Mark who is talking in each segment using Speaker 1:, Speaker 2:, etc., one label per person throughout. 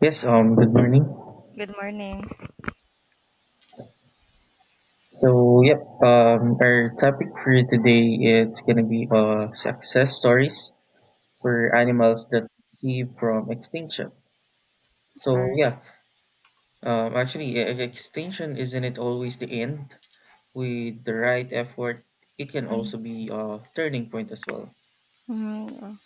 Speaker 1: Yes, Good morning.
Speaker 2: Good morning.
Speaker 1: So, yep, our topic for today it's gonna be success stories for animals that see from extinction.
Speaker 2: All
Speaker 1: So,
Speaker 2: right.
Speaker 1: yeah, actually, extinction isn't it always the end? With the right effort, it can also
Speaker 2: Mhm.
Speaker 1: be a turning point as well.
Speaker 2: Mhm.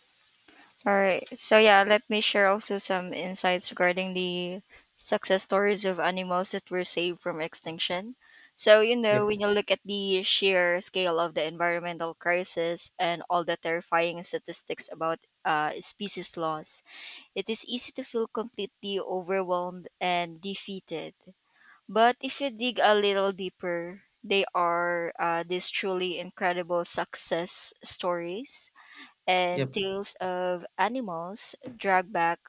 Speaker 2: All right. So yeah, let me share also some insights regarding the success stories of animals that were saved from extinction. So you know,
Speaker 1: Yep,
Speaker 2: when you look at the sheer scale of the environmental crisis and all the terrifying statistics about species loss, it is easy to feel completely overwhelmed and defeated. But if you dig a little deeper, they are these truly incredible success stories
Speaker 1: yep,
Speaker 2: and tales of animals dragged back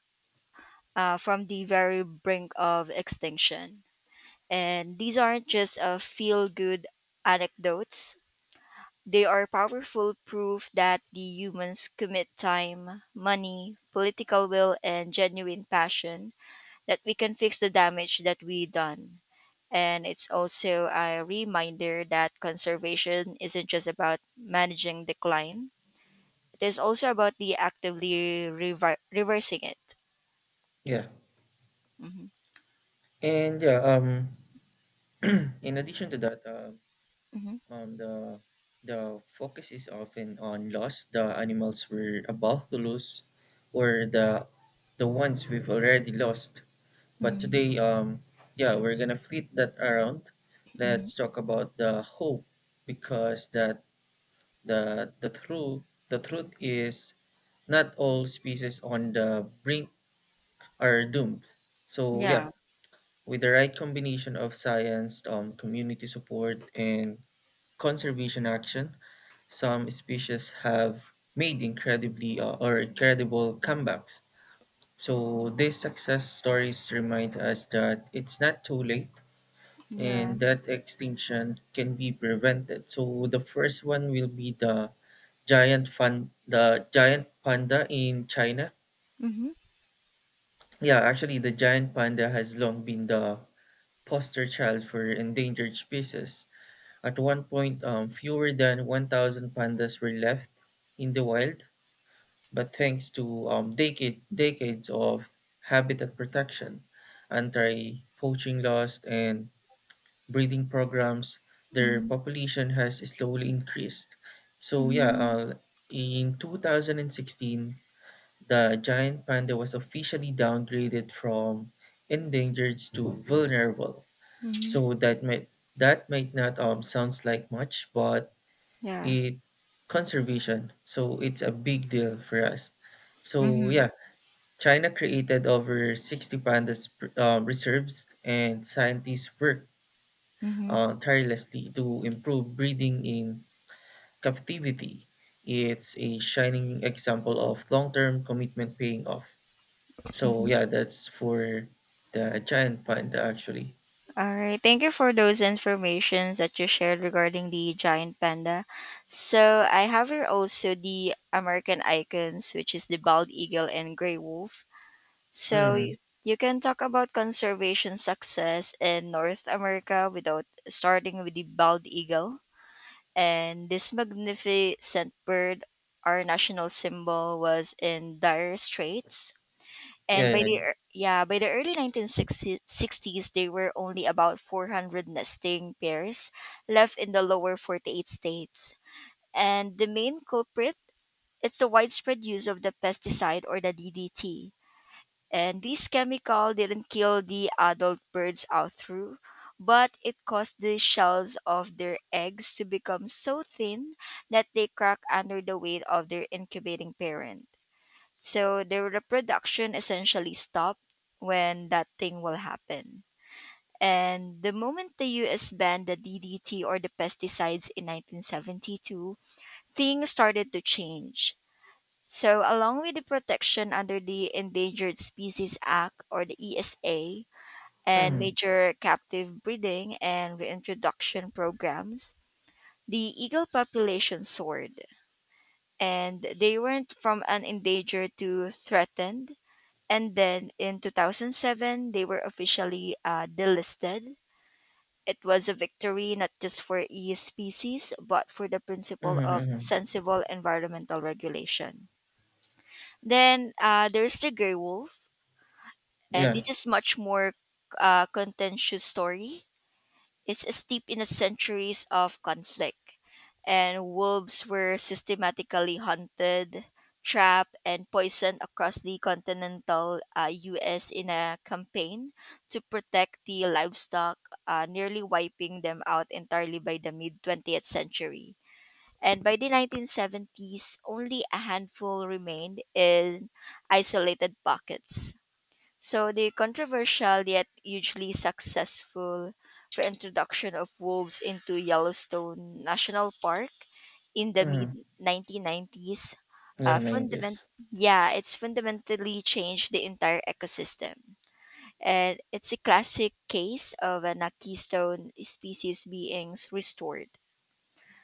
Speaker 2: from the very brink of extinction. And these aren't just feel good anecdotes, they are powerful proof that the humans commit time, money, political will, and genuine passion that we can fix the damage that we done. And it's also a reminder that conservation isn't just about managing decline. It is also about the actively reversing it.
Speaker 1: yeah,
Speaker 2: Hmm.
Speaker 1: and yeah, in addition to that,
Speaker 2: Hmm.
Speaker 1: Um, the the focus is often on loss. The animals we're about to lose, or the ones we've already lost. But
Speaker 2: Mm.
Speaker 1: today, yeah, we're gonna flip that around.
Speaker 2: Mm.
Speaker 1: Let's talk about the hope because that the the truth the truth is not all species on the brink are doomed. So yeah,
Speaker 2: Yeah.
Speaker 1: with the right combination of science, community support, and conservation action, some species have made incredibly or incredible comebacks. So these success stories remind us that it's not too late
Speaker 2: Yeah.
Speaker 1: and that extinction can be prevented. So the first one will be the giant fun the giant panda in China.
Speaker 2: Mm-hmm.
Speaker 1: Yeah, actually the giant panda has long been the poster child for endangered species. At one point, fewer than 1,000 pandas were left in the wild, but thanks to decades of habitat protection, anti poaching laws, and breeding programs, their
Speaker 2: Mm-hmm.
Speaker 1: population has slowly increased. So, yeah,
Speaker 2: Mm-hmm.
Speaker 1: in 2016, the giant panda was officially downgraded from endangered to vulnerable.
Speaker 2: Mm-hmm.
Speaker 1: So, that might not sounds like much, but
Speaker 2: Yeah.
Speaker 1: it conservation. So it's a big deal for us. So
Speaker 2: Mm-hmm.
Speaker 1: yeah, China created over 60 pandas reserves, and scientists worked
Speaker 2: Mm-hmm.
Speaker 1: tirelessly to improve breeding in captivity. It's a shining example of long-term commitment paying off. So
Speaker 2: Mm-hmm.
Speaker 1: yeah, that's for the giant panda actually.
Speaker 2: All right. Thank you for those informations that you shared regarding the giant panda. So I have here also the American icons, which is the bald eagle and gray wolf. So
Speaker 1: Mm,
Speaker 2: you can talk about conservation success in North America without starting with the bald eagle. And this magnificent bird, our national symbol, was in dire straits and
Speaker 1: yeah, yeah.
Speaker 2: by the early 1960s, there were only about 400 nesting pairs left in the lower 48 states. And the main culprit, it's the widespread use of the pesticide or the DDT. And this chemical didn't kill the adult birds out through, but it caused the shells of their eggs to become so thin that they crack under the weight of their incubating parent. So their reproduction essentially stopped when that thing will happen. And the moment the US banned the DDT or the pesticides in 1972, things started to change. So, along with the protection under the Endangered Species Act or the ESA and
Speaker 1: Mm,
Speaker 2: major captive breeding and reintroduction programs, the eagle population soared and they went from an endangered to threatened. And then in 2007, they were officially delisted. It was a victory not just for E species, but for the
Speaker 1: mm,
Speaker 2: principle of
Speaker 1: mm,
Speaker 2: sensible environmental regulation. Then there's the Grey Wolf.
Speaker 1: yeah.
Speaker 2: This is much more contentious story. It's steeped in a centuries of conflict. And wolves were systematically hunted, trapped, and poisoned across the continental US in a campaign to protect the livestock, nearly wiping them out entirely by the mid 20th century. And by the 1970s, only a handful remained in isolated pockets. So the controversial yet hugely successful reintroduction of wolves into Yellowstone National Park in the
Speaker 1: Mm,
Speaker 2: mid 1990s
Speaker 1: yeah,
Speaker 2: fundament
Speaker 1: 90s.
Speaker 2: yeah it's fundamentally changed the entire ecosystem. And it's a classic case of an a keystone species being restored.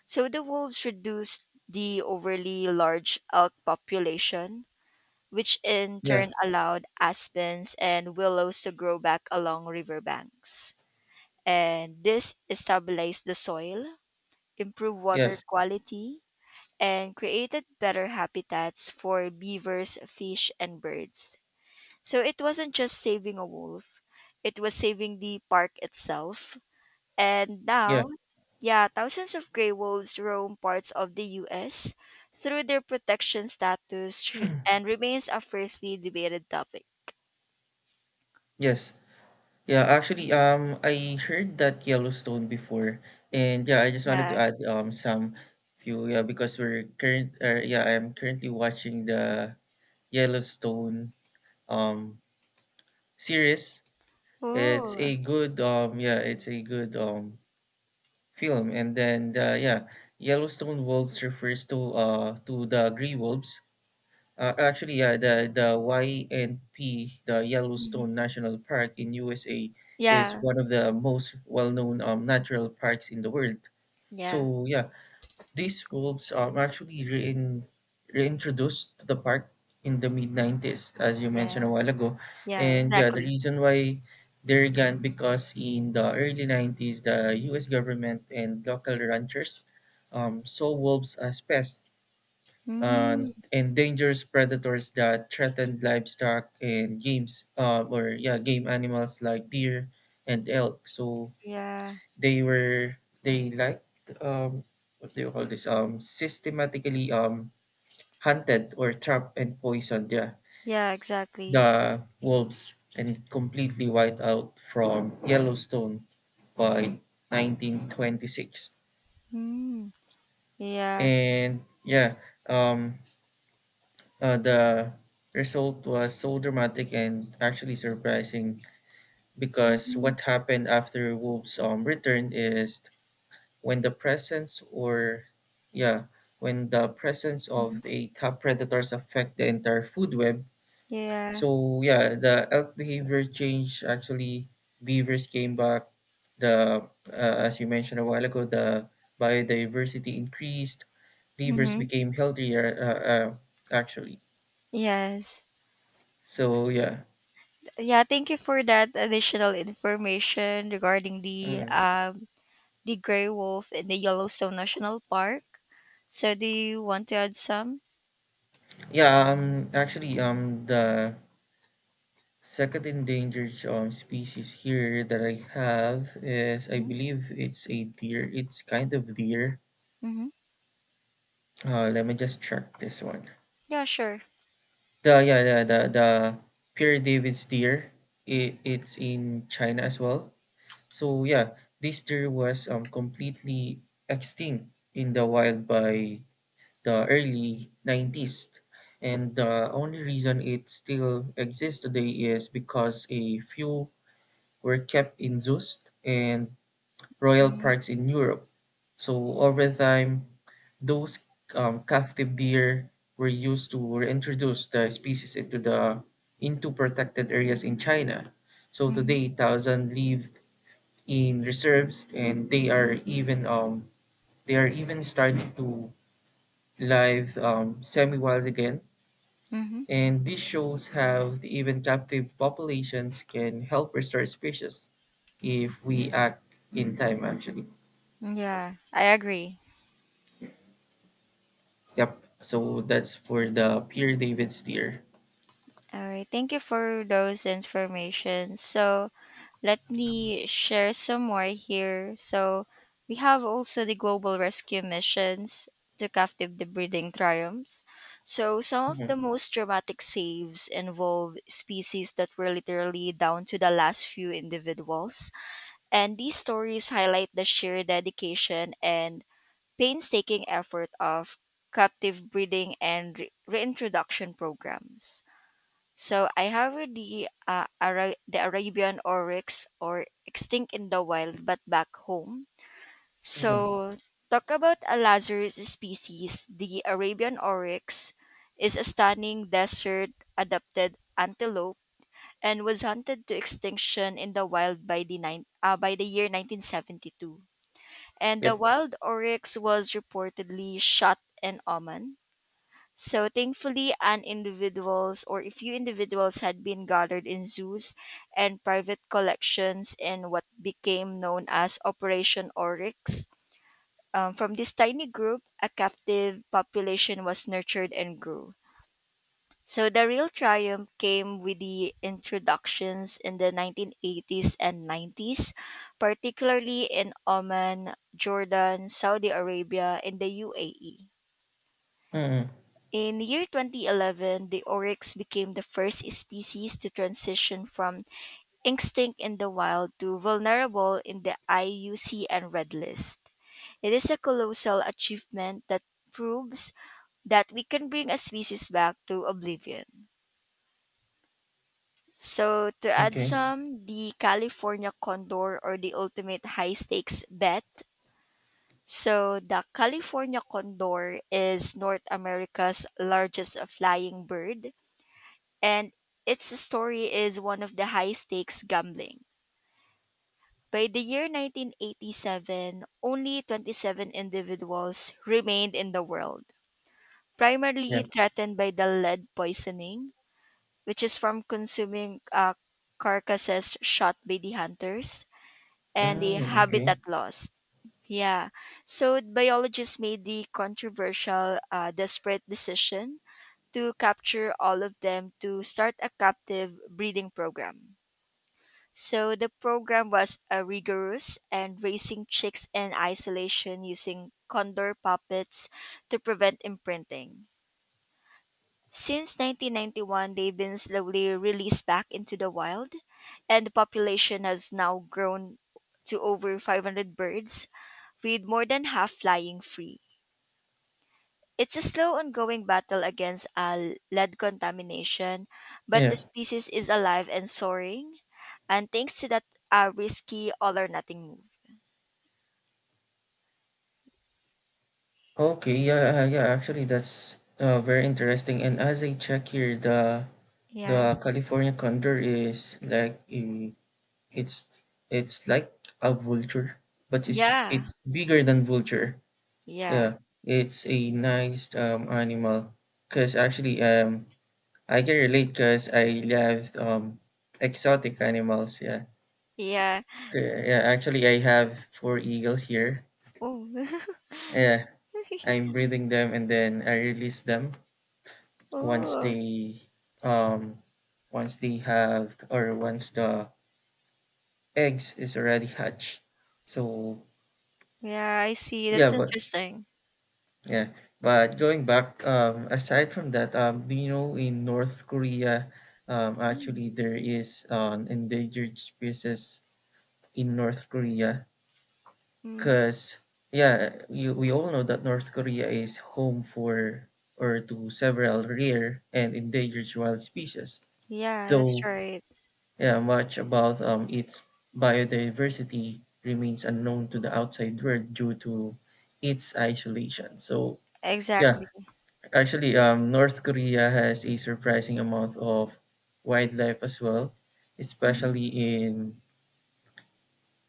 Speaker 2: So the wolves reduced the overly large elk population, which in turn
Speaker 1: Yeah,
Speaker 2: allowed aspens and willows to grow back along riverbanks. And this stabilized the soil, improved water
Speaker 1: yes,
Speaker 2: quality, and created better habitats for beavers, fish, and birds. So it wasn't just saving a wolf, it was saving the park itself. And
Speaker 1: yeah.
Speaker 2: now, yeah, thousands of gray wolves roam parts of the US through their protection status and remains a fiercely debated topic.
Speaker 1: Yes. Yeah, actually, I heard that Yellowstone before, and yeah, I just wanted
Speaker 2: Yeah.
Speaker 1: to add some few yeah because we're current yeah, I'm currently watching the Yellowstone um series.
Speaker 2: Oh.
Speaker 1: It's a good film, and then yeah Yellowstone wolves refers to the gray wolves. Actually, yeah, the YNP, the
Speaker 2: Mhm.
Speaker 1: Yellowstone National Park in USA, is
Speaker 2: Yeah.
Speaker 1: one of the most well-known natural parks in the world.
Speaker 2: Yeah.
Speaker 1: So yeah, these wolves actually reintroduced to the park in the mid-90s, as you mentioned
Speaker 2: Yeah.
Speaker 1: a while ago.
Speaker 2: Yeah,
Speaker 1: And yeah, the
Speaker 2: exactly.
Speaker 1: reason why they're gone because in the early 90s, the U.S. government and local ranchers saw wolves as pests,
Speaker 2: Mm,
Speaker 1: and endangers predators that threaten livestock and games or yeah game animals like deer and elk. So
Speaker 2: yeah.
Speaker 1: they were they like um what do you call this systematically hunted or trapped and poisoned yeah
Speaker 2: Yeah, exactly.
Speaker 1: the wolves and completely wiped out from Yellowstone by 1926.
Speaker 2: Mm, yeah.
Speaker 1: And yeah, um the result was so dramatic and actually surprising because
Speaker 2: Mm-hmm.
Speaker 1: what happened after Wolves' return is when the presence or yeah when the presence of the top predators affect the entire food web. So
Speaker 2: Yeah.
Speaker 1: yeah, the elk behavior changed. Actually, beavers came back. The As you mentioned a while ago, the biodiversity increased. Beavers
Speaker 2: Mm-hmm.
Speaker 1: became healthier. Actually,
Speaker 2: Yes.
Speaker 1: so yeah.
Speaker 2: Yeah, thank you for that additional information regarding
Speaker 1: Mm.
Speaker 2: the gray wolf in the Yellowstone National Park. So do you want to add some?
Speaker 1: Yeah, actually, the second endangered species here that I have is, I
Speaker 2: Mm-hmm.
Speaker 1: believe it's a deer. It's kind of deer.
Speaker 2: Mm-hmm.
Speaker 1: Let me just check this one.
Speaker 2: Yeah, sure.
Speaker 1: The yeah, the Pierre David's deer. It's in China as well. So yeah, this deer was completely extinct in the wild by the early 90s. And the only reason it still exists today is because a few were kept in zoos and royal
Speaker 2: Mm-hmm.
Speaker 1: parks in Europe. So over time, those captive deer were used to reintroduce the species into protected areas in China. So today, thousands live in reserves, and they are even starting to live semi-wild again.
Speaker 2: Mm-hmm.
Speaker 1: And this shows how the even captive populations can help restore species if we act in time, actually.
Speaker 2: Yeah, I agree.
Speaker 1: Yep. So that's for the Pierre David Steer.
Speaker 2: All right. Thank you for those information. So let me share some more here. So we have also the global rescue missions to captive the breeding triumphs. So some of the
Speaker 1: Mhm,
Speaker 2: most dramatic saves involve species that were literally down to the last few individuals. And these stories highlight the sheer dedication and painstaking effort of captive breeding and reintroduction programs. So I have the the Arabian oryx or extinct in the wild but back home.
Speaker 1: mhm.
Speaker 2: So talk about a Lazarus species. The Arabian oryx is a stunning desert adapted antelope and was hunted to extinction in the wild by the year 1972. And the
Speaker 1: Yep.
Speaker 2: wild oryx was reportedly shot in Oman so thankfully, an individuals or a few individuals had been gathered in zoos and private collections in what became known as Operation Oryx. From this tiny group, a captive population was nurtured and grew. So the real triumph came with the introductions in the 1980s and 90s, particularly in Oman, Jordan, Saudi Arabia, and the UAE.
Speaker 1: Mm,
Speaker 2: In the year 2011, the oryx became the first species to transition from extinct in the wild to vulnerable in the IUCN Red List. It is a colossal achievement that proves that we can bring a species back to oblivion. So, to add
Speaker 1: okay.
Speaker 2: some, the California condor or the ultimate high stakes bet. So, the California condor is North America's largest flying bird and its story is one of the high stakes gambling. By the year 1987, only 27 individuals remained in the world,
Speaker 1: Yeah.
Speaker 2: primarily threatened by the lead poisoning, which is from consuming carcasses shot by the hunters, and the
Speaker 1: Mm, okay.
Speaker 2: habitat loss. Yeah, so biologists made the controversial, desperate decision to capture all of them to start a captive breeding program. So the program was rigorous and raising chicks in isolation using condor puppets to prevent imprinting. Since 1991, they've been slowly released back into the wild, and the population has now grown to over 500 birds, with more than half flying free. It's a slow ongoing battle against lead contamination, but
Speaker 1: Yeah.
Speaker 2: the species is alive and soaring, and thanks to that risky all or nothing move.
Speaker 1: Okay. Yeah. Yeah. Actually, that's very interesting. And as I check here, the
Speaker 2: Yeah.
Speaker 1: the California condor is it's like a vulture, but it's
Speaker 2: Yeah.
Speaker 1: it's bigger than vulture.
Speaker 2: Yeah.
Speaker 1: Yeah, it's a nice animal because actually I can relate because I love exotic animals. Yeah,
Speaker 2: Yeah.
Speaker 1: yeah, yeah, actually, I have four eagles here.
Speaker 2: Oh.
Speaker 1: Yeah, I'm breeding them and then I release them once
Speaker 2: Oh.
Speaker 1: they um once the eggs is already hatched. So
Speaker 2: Yeah, I see.
Speaker 1: yeah,
Speaker 2: That's
Speaker 1: but
Speaker 2: interesting.
Speaker 1: Yeah, going back, aside from that, do you know in North Korea,
Speaker 2: Mm.
Speaker 1: actually there is an endangered species in North Korea?
Speaker 2: Mm.
Speaker 1: Because yeah, we all know that North Korea is home for or to several rare and endangered wild species.
Speaker 2: Yeah, that's
Speaker 1: Though
Speaker 2: right.
Speaker 1: yeah, much about its biodiversity remains unknown to the outside world due to its isolation. So yeah,
Speaker 2: Exactly.
Speaker 1: actually, North Korea has a surprising amount of wildlife as well,
Speaker 2: Mm-hmm.
Speaker 1: especially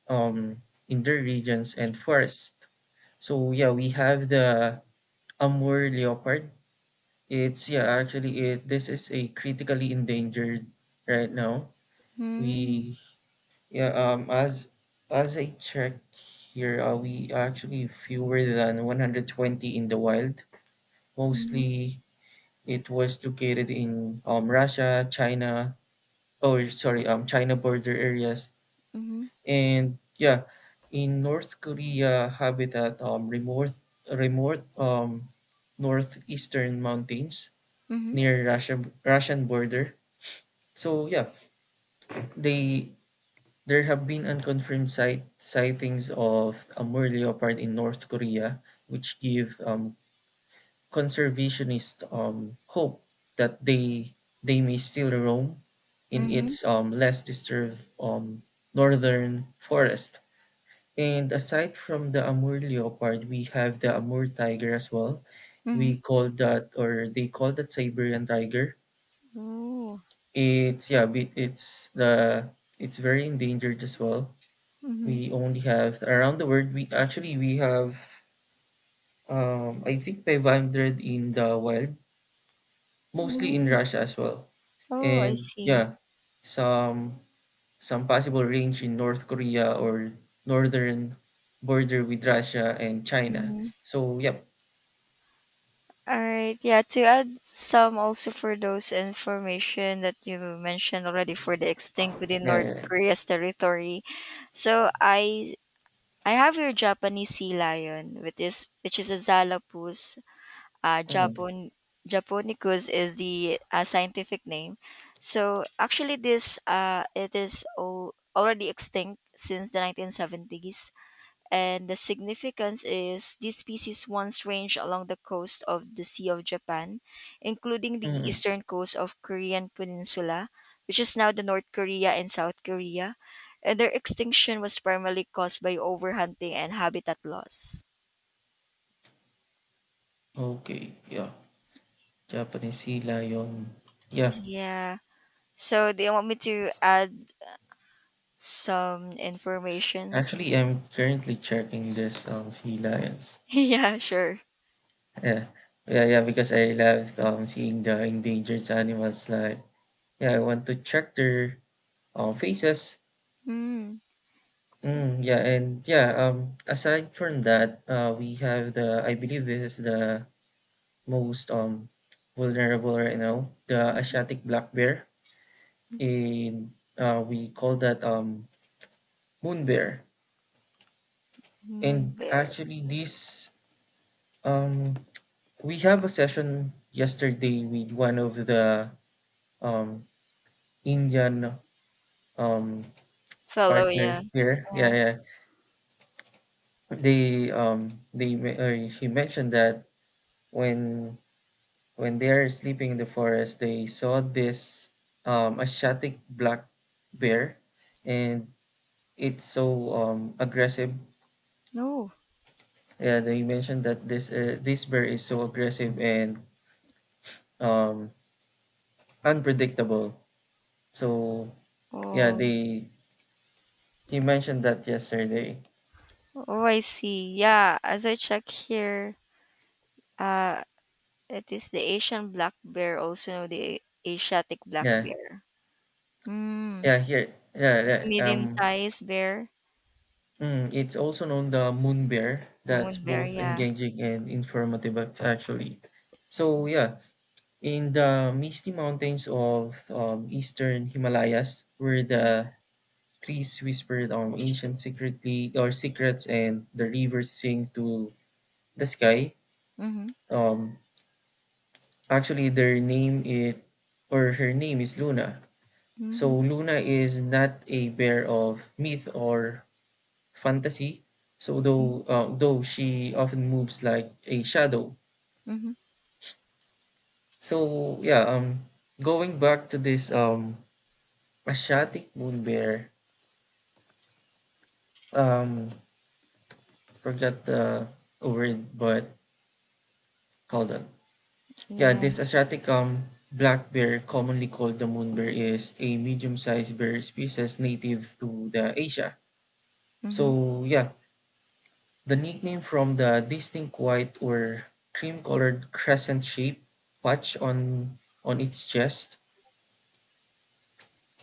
Speaker 1: um, in their regions and forests. So yeah, we have the Amur leopard. It's yeah, actually it this is a critically endangered right now.
Speaker 2: Mm-hmm.
Speaker 1: We yeah As I checked here, we actually fewer than 120 in the wild, mostly. It was located in Russia, China, oh sorry, China border areas,
Speaker 2: Mm-hmm.
Speaker 1: and yeah, in North Korea habitat remote northeastern mountains
Speaker 2: Mm-hmm.
Speaker 1: near Russian border. So yeah, they there have been unconfirmed sightings of a moor leopard in North Korea, which give conservationist hope that they may still roam in
Speaker 2: Mm-hmm.
Speaker 1: its less disturbed northern forest. And aside from the Amur leopard, we have the Amur tiger as well.
Speaker 2: Mm-hmm.
Speaker 1: We call that, or they call that Siberian tiger.
Speaker 2: Oh.
Speaker 1: It's yeah, it's very endangered as well.
Speaker 2: Mm-hmm.
Speaker 1: We only have around the world. We actually we have I think 500 in the wild, mostly in
Speaker 2: Mm.
Speaker 1: Russia as well.
Speaker 2: Oh, I
Speaker 1: And
Speaker 2: see.
Speaker 1: yeah, some some possible range in North Korea or northern border with Russia and China.
Speaker 2: Mm-hmm.
Speaker 1: So yep.
Speaker 2: All right. Yeah, to add some also for those information that you mentioned already for the extinct within North
Speaker 1: Yeah.
Speaker 2: Korea's territory. So I have your Japanese sea lion, which is a Zalapus. Uh,
Speaker 1: Mm,
Speaker 2: Japon Japonicus is the scientific name. So actually, this it is already extinct since the 1970s. And the significance is these species once ranged along the coast of the Sea of Japan, including the
Speaker 1: mm.
Speaker 2: eastern coast of Korean Peninsula, which is now the North Korea and South Korea, and their extinction was primarily caused by overhunting and habitat loss.
Speaker 1: Okay, yeah. Japanese sea lion. Yeah.
Speaker 2: Yeah. So do you want me to add some informations?
Speaker 1: Actually, I'm currently checking this sea lions.
Speaker 2: Yeah, sure.
Speaker 1: Yeah. Yeah, yeah, because I love seeing the endangered animals, like, yeah, I want to check their faces.
Speaker 2: Hmm.
Speaker 1: Mm, yeah, and yeah, aside from that, we have I believe this is the most vulnerable right now, the Asiatic black bear. In We call that moon bear.
Speaker 2: Moon
Speaker 1: And
Speaker 2: bear.
Speaker 1: actually, this um we have a session yesterday with one of the um Indian um
Speaker 2: Fellow,
Speaker 1: partners
Speaker 2: yeah.
Speaker 1: here. Yeah,
Speaker 2: Yeah.
Speaker 1: yeah. He mentioned that when when they are sleeping in the forest, they saw this Asiatic black bear, and it's so aggressive.
Speaker 2: No.
Speaker 1: Yeah, they mentioned that this bear is so aggressive and um, unpredictable. So yeah,
Speaker 2: Oh.
Speaker 1: they he mentioned that yesterday.
Speaker 2: Oh, I see. Yeah, as I check here, uh, it is the Asian black bear, also known the Asiatic black
Speaker 1: Yeah,
Speaker 2: bear. Hmm.
Speaker 1: yeah, here, yeah,
Speaker 2: It's a
Speaker 1: yeah.
Speaker 2: medium-sized bear,
Speaker 1: Mm, it's also known the moon bear. That's
Speaker 2: moon bear.
Speaker 1: both
Speaker 2: Yeah.
Speaker 1: engaging and informative, actually. So yeah, in the misty mountains of eastern Himalayas, where the trees whispered ancient secretly or secrets, and the rivers sing to the sky.
Speaker 2: Mm-hmm.
Speaker 1: Um, Actually, their name it or her name is Luna. So
Speaker 2: Mm-hmm.
Speaker 1: Luna is not a bear of myth or fantasy. So though she often moves like a shadow.
Speaker 2: Mm-hmm.
Speaker 1: So yeah, going back to this Asiatic moon bear, um, forgot the word, but hold on. Yeah,
Speaker 2: Yeah.
Speaker 1: this Asiatic black bear, commonly called the moon bear, is a medium-sized bear species native to the Asia.
Speaker 2: Mm-hmm.
Speaker 1: So yeah, the nickname from the distinct white or cream-colored crescent-shaped patch on its chest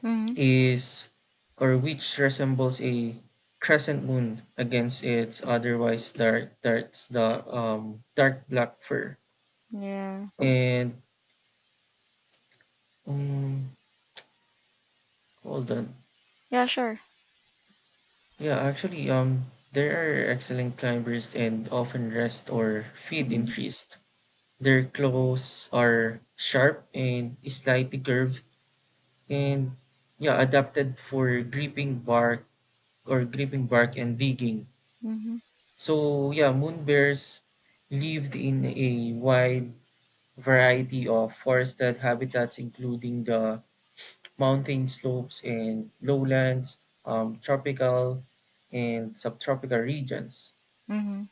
Speaker 2: Mm-hmm.
Speaker 1: is or which resembles a crescent moon against its otherwise dark darts the dark black fur.
Speaker 2: Yeah.
Speaker 1: And um, hold on.
Speaker 2: Yeah. Sure.
Speaker 1: Yeah, actually there are excellent climbers and often rest or feed in
Speaker 2: Mm-hmm.
Speaker 1: trees. Their claws are sharp and slightly curved and yeah adapted for gripping bark and digging.
Speaker 2: Mm-hmm.
Speaker 1: So yeah, moon bears lived in a wide variety of forested habitats including the mountain slopes and lowlands, tropical and subtropical regions.
Speaker 2: Mm-hmm.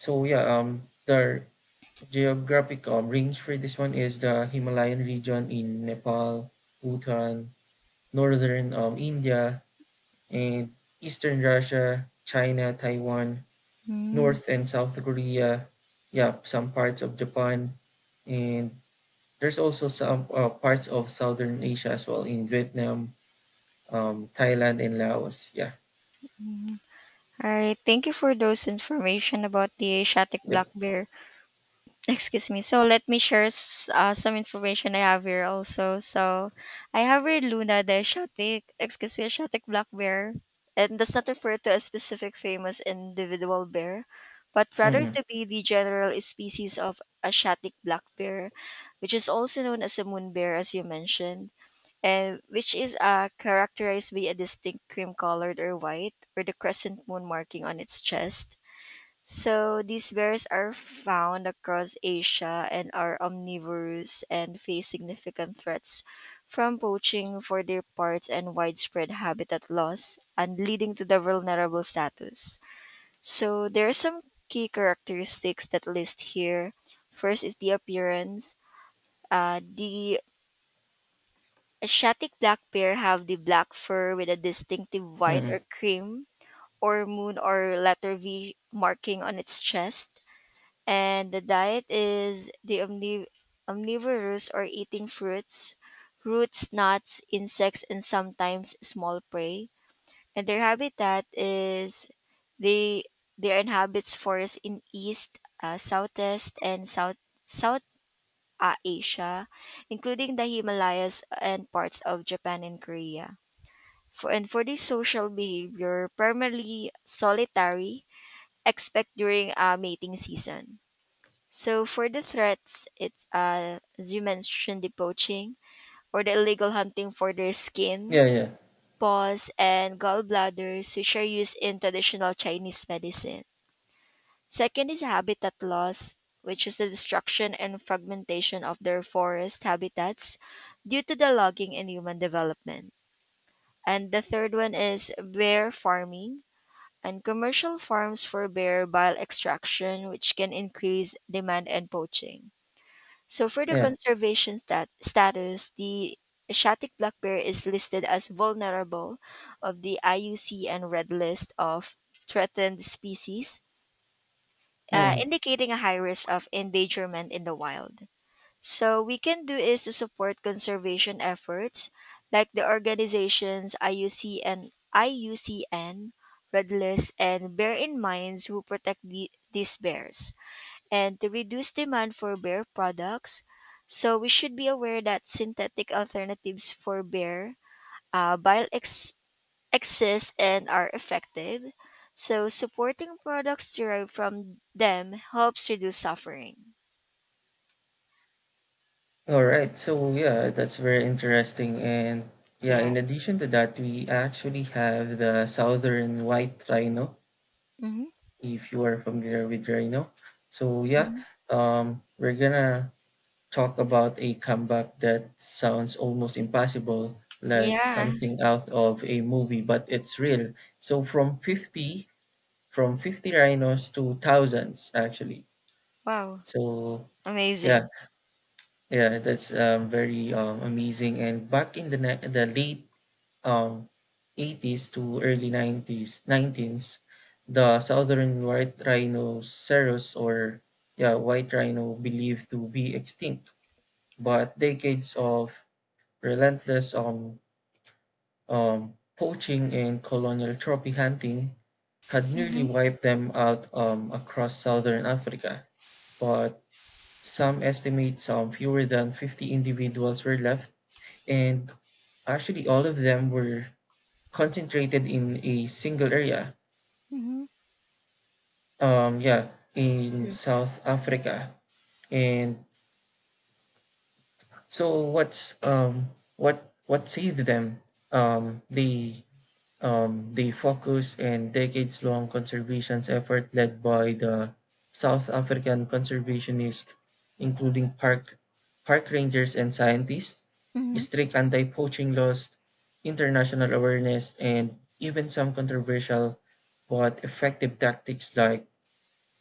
Speaker 1: So yeah, the geographic range for this one is the Himalayan region in Nepal, Bhutan, northern India, and Eastern Russia, China, Taiwan,
Speaker 2: Mm-hmm.
Speaker 1: North and South Korea, yeah, some parts of Japan, and there's also some parts of Southern Asia as well in Vietnam, Thailand, and Laos. Yeah.
Speaker 2: Mm-hmm. All right. Thank you for those information about the Asiatic black
Speaker 1: Yep.
Speaker 2: bear. Excuse me, so let me share some information I have here also. So I have here Luna the exotic, excuse me, exotic black bear and does not refer to a specific famous individual bear but rather
Speaker 1: Mm-mm.
Speaker 2: to be the general species of asiatic black bear, which is also known as a moon bear, as you mentioned, and which is characterized by a distinct cream colored or white or the crescent moon marking on its chest. So these bears are found across Asia and are omnivorous and face significant threats from poaching for their parts and widespread habitat loss and leading to the vulnerable status. So there are some key characteristics that list here. First is the appearance. The Asiatic black bear have the black fur with a distinctive white
Speaker 1: Mm-mm.
Speaker 2: or cream or moon or letter V marking on its chest, and the diet is the omnivorous or eating fruits, roots, nuts, insects, and sometimes small prey. And their habitat is they they inhabits forests in East, Southeast, and South Asia, including the Himalayas and parts of Japan and Korea. For this social behavior, primarily solitary, except during mating season. So for the threats, it's as you mentioned, the poaching or the illegal hunting for their skin,
Speaker 1: Yeah. Yeah.
Speaker 2: paws, and gallbladders, which are used in traditional Chinese medicine. Second is habitat loss, which is the destruction and fragmentation of their forest habitats due to the logging and human development. And the third one is bear farming and commercial farms for bear bile extraction, which can increase demand and poaching. So for the
Speaker 1: Yeah.
Speaker 2: conservation status, the Asiatic black bear is listed as vulnerable of the IUCN Red List of Threatened Species,
Speaker 1: Mm-mm.
Speaker 2: indicating a high risk of endangerment in the wild. So we can do is to support conservation efforts like the organizations IUCN, IUCN Red List, and Bear in Minds who protect these bears and to reduce demand for bear products. So we should be aware that synthetic alternatives for bear bile exist and are effective. So supporting products derived from them helps reduce suffering.
Speaker 1: All right. So yeah, that's very interesting. And yeah,
Speaker 2: Yeah.
Speaker 1: in addition to that, we actually have the Southern White Rhino,
Speaker 2: Mm-hmm.
Speaker 1: if you are familiar with Rhino. So yeah,
Speaker 2: Hmm.
Speaker 1: we're gonna talk about a comeback that sounds almost impossible, like
Speaker 2: Yeah.
Speaker 1: something out of a movie, but it's real. So from 50 rhinos to thousands actually.
Speaker 2: Wow.
Speaker 1: So yeah,
Speaker 2: Amazing.
Speaker 1: yeah, that's very amazing. And back in the late um, 80s to early 90s 19s the southern white rhinoceros or yeah white rhino believed to be extinct, but decades of relentless poaching and colonial trophy hunting had nearly
Speaker 2: Mm-hmm.
Speaker 1: wiped them out across southern Africa. But some estimate some fewer than 50 individuals were left, and actually all of them were concentrated in a single area.
Speaker 2: Mm-hmm.
Speaker 1: Yeah, in South Africa. And so what saved them? Um, the the focus and decades-long conservation effort led by the South African conservationists, including park rangers and scientists,
Speaker 2: Mm-hmm.
Speaker 1: strict anti-poaching laws, international awareness, and even some controversial but effective tactics like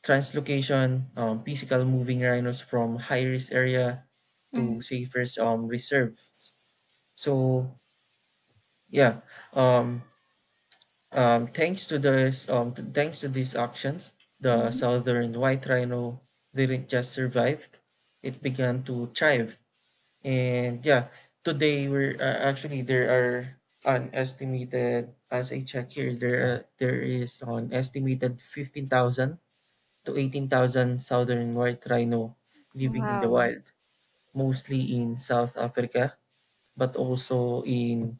Speaker 1: translocation, physical moving rhinos from high risk area
Speaker 2: Mm-hmm.
Speaker 1: to safer reserves. So yeah, um, thanks to these actions, the
Speaker 2: Hmm.
Speaker 1: southern white rhino didn't just survive; it began to thrive. And yeah, today we're actually there are an estimated, as I check here, there is an estimated 15,000 to 18,000 southern white rhino living in the
Speaker 2: Wow.
Speaker 1: wild, mostly in South Africa, but also in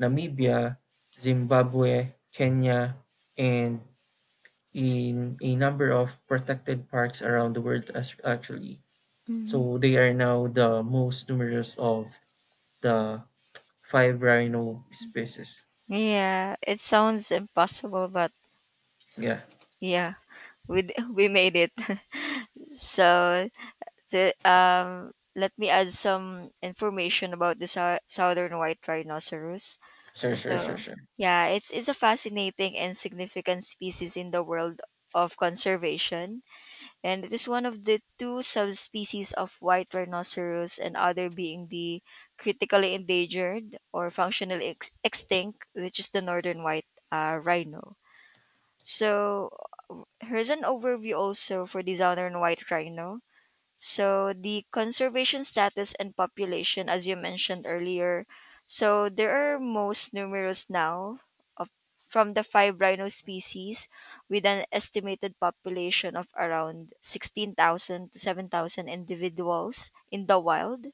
Speaker 1: Namibia, Zimbabwe, Kenya, and in a number of protected parks around the world actually.
Speaker 2: Hmm.
Speaker 1: So they are now the most numerous of the five rhino species.
Speaker 2: Yeah, it sounds impossible, but
Speaker 1: Yeah,
Speaker 2: yeah, we made it. So let me add some information about the southern white rhinoceros.
Speaker 1: sure, sure, sure,
Speaker 2: So,
Speaker 1: sure.
Speaker 2: yeah, it's a fascinating and significant species in the world of conservation. And it is one of the two subspecies of white rhinoceros and other being the critically endangered or functionally extinct, which is the northern white rhino. So, here's an overview also for the southern white rhino. So the conservation status and population, as you mentioned earlier, so there are most numerous now of, from the five rhino species with an estimated population of around 16,000 to 7,000 individuals in the wild.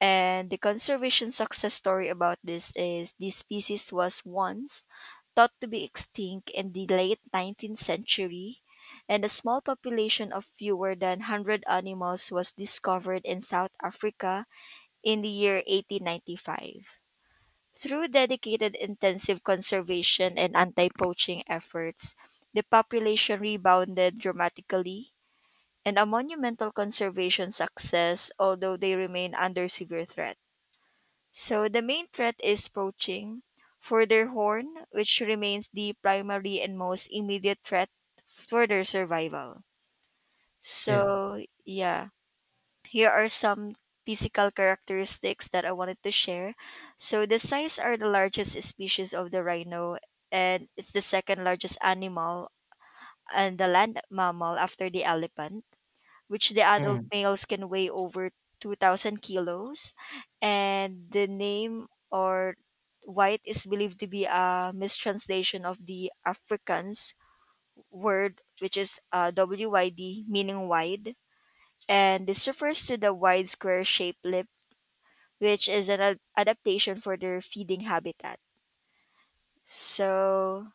Speaker 2: And the conservation success story about this is this species was once thought to be extinct in the late 19th century, and a small population of fewer than 100 animals was discovered in South Africa in the year 1895. Through dedicated intensive conservation and anti poaching efforts, the population rebounded dramatically and a monumental conservation success, although they remain under severe threat. So the main threat is poaching. Further horn, which remains the primary and most immediate threat for their survival.
Speaker 1: Yeah.
Speaker 2: So, yeah, here are some physical characteristics that I wanted to share. So, the size are the largest species of the rhino, and it's the second largest animal and the land mammal after the elephant which the adult
Speaker 1: Mm,
Speaker 2: males can weigh over 2,000 kilos. And the name or white is believed to be a mistranslation of the Afrikaans word, which is WYD, meaning wide. And this refers to the wide square shaped lip, which is an adaptation for their feeding habitat. So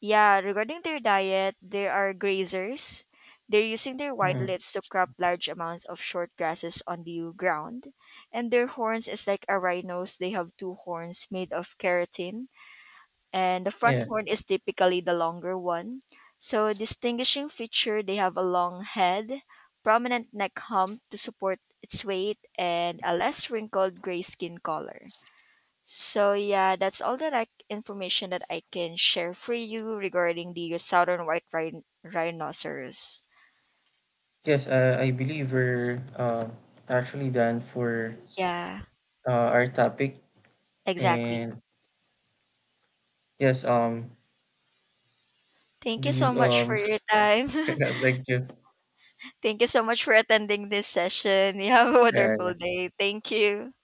Speaker 2: yeah, regarding their diet, they are grazers. They're using their white
Speaker 1: mm,
Speaker 2: lips to crop large amounts of short grasses on the ground. And their horns is like a rhino's. They have two horns made of keratin. And the
Speaker 1: yeah.
Speaker 2: front horn is typically the longer one. So distinguishing feature, they have a long head, prominent neck hump to support its weight, and a less wrinkled gray skin color. So yeah, that's all the like information that I can share for you regarding the southern white rhinoceros.
Speaker 1: Yes, I believe we're actually done for
Speaker 2: Yeah,
Speaker 1: our topic.
Speaker 2: exactly.
Speaker 1: And yes,
Speaker 2: Thank
Speaker 1: do
Speaker 2: you
Speaker 1: you
Speaker 2: so much for your time.
Speaker 1: thank you.
Speaker 2: Thank you so much for attending this session. You have a
Speaker 1: Yeah,
Speaker 2: wonderful day. Thank you.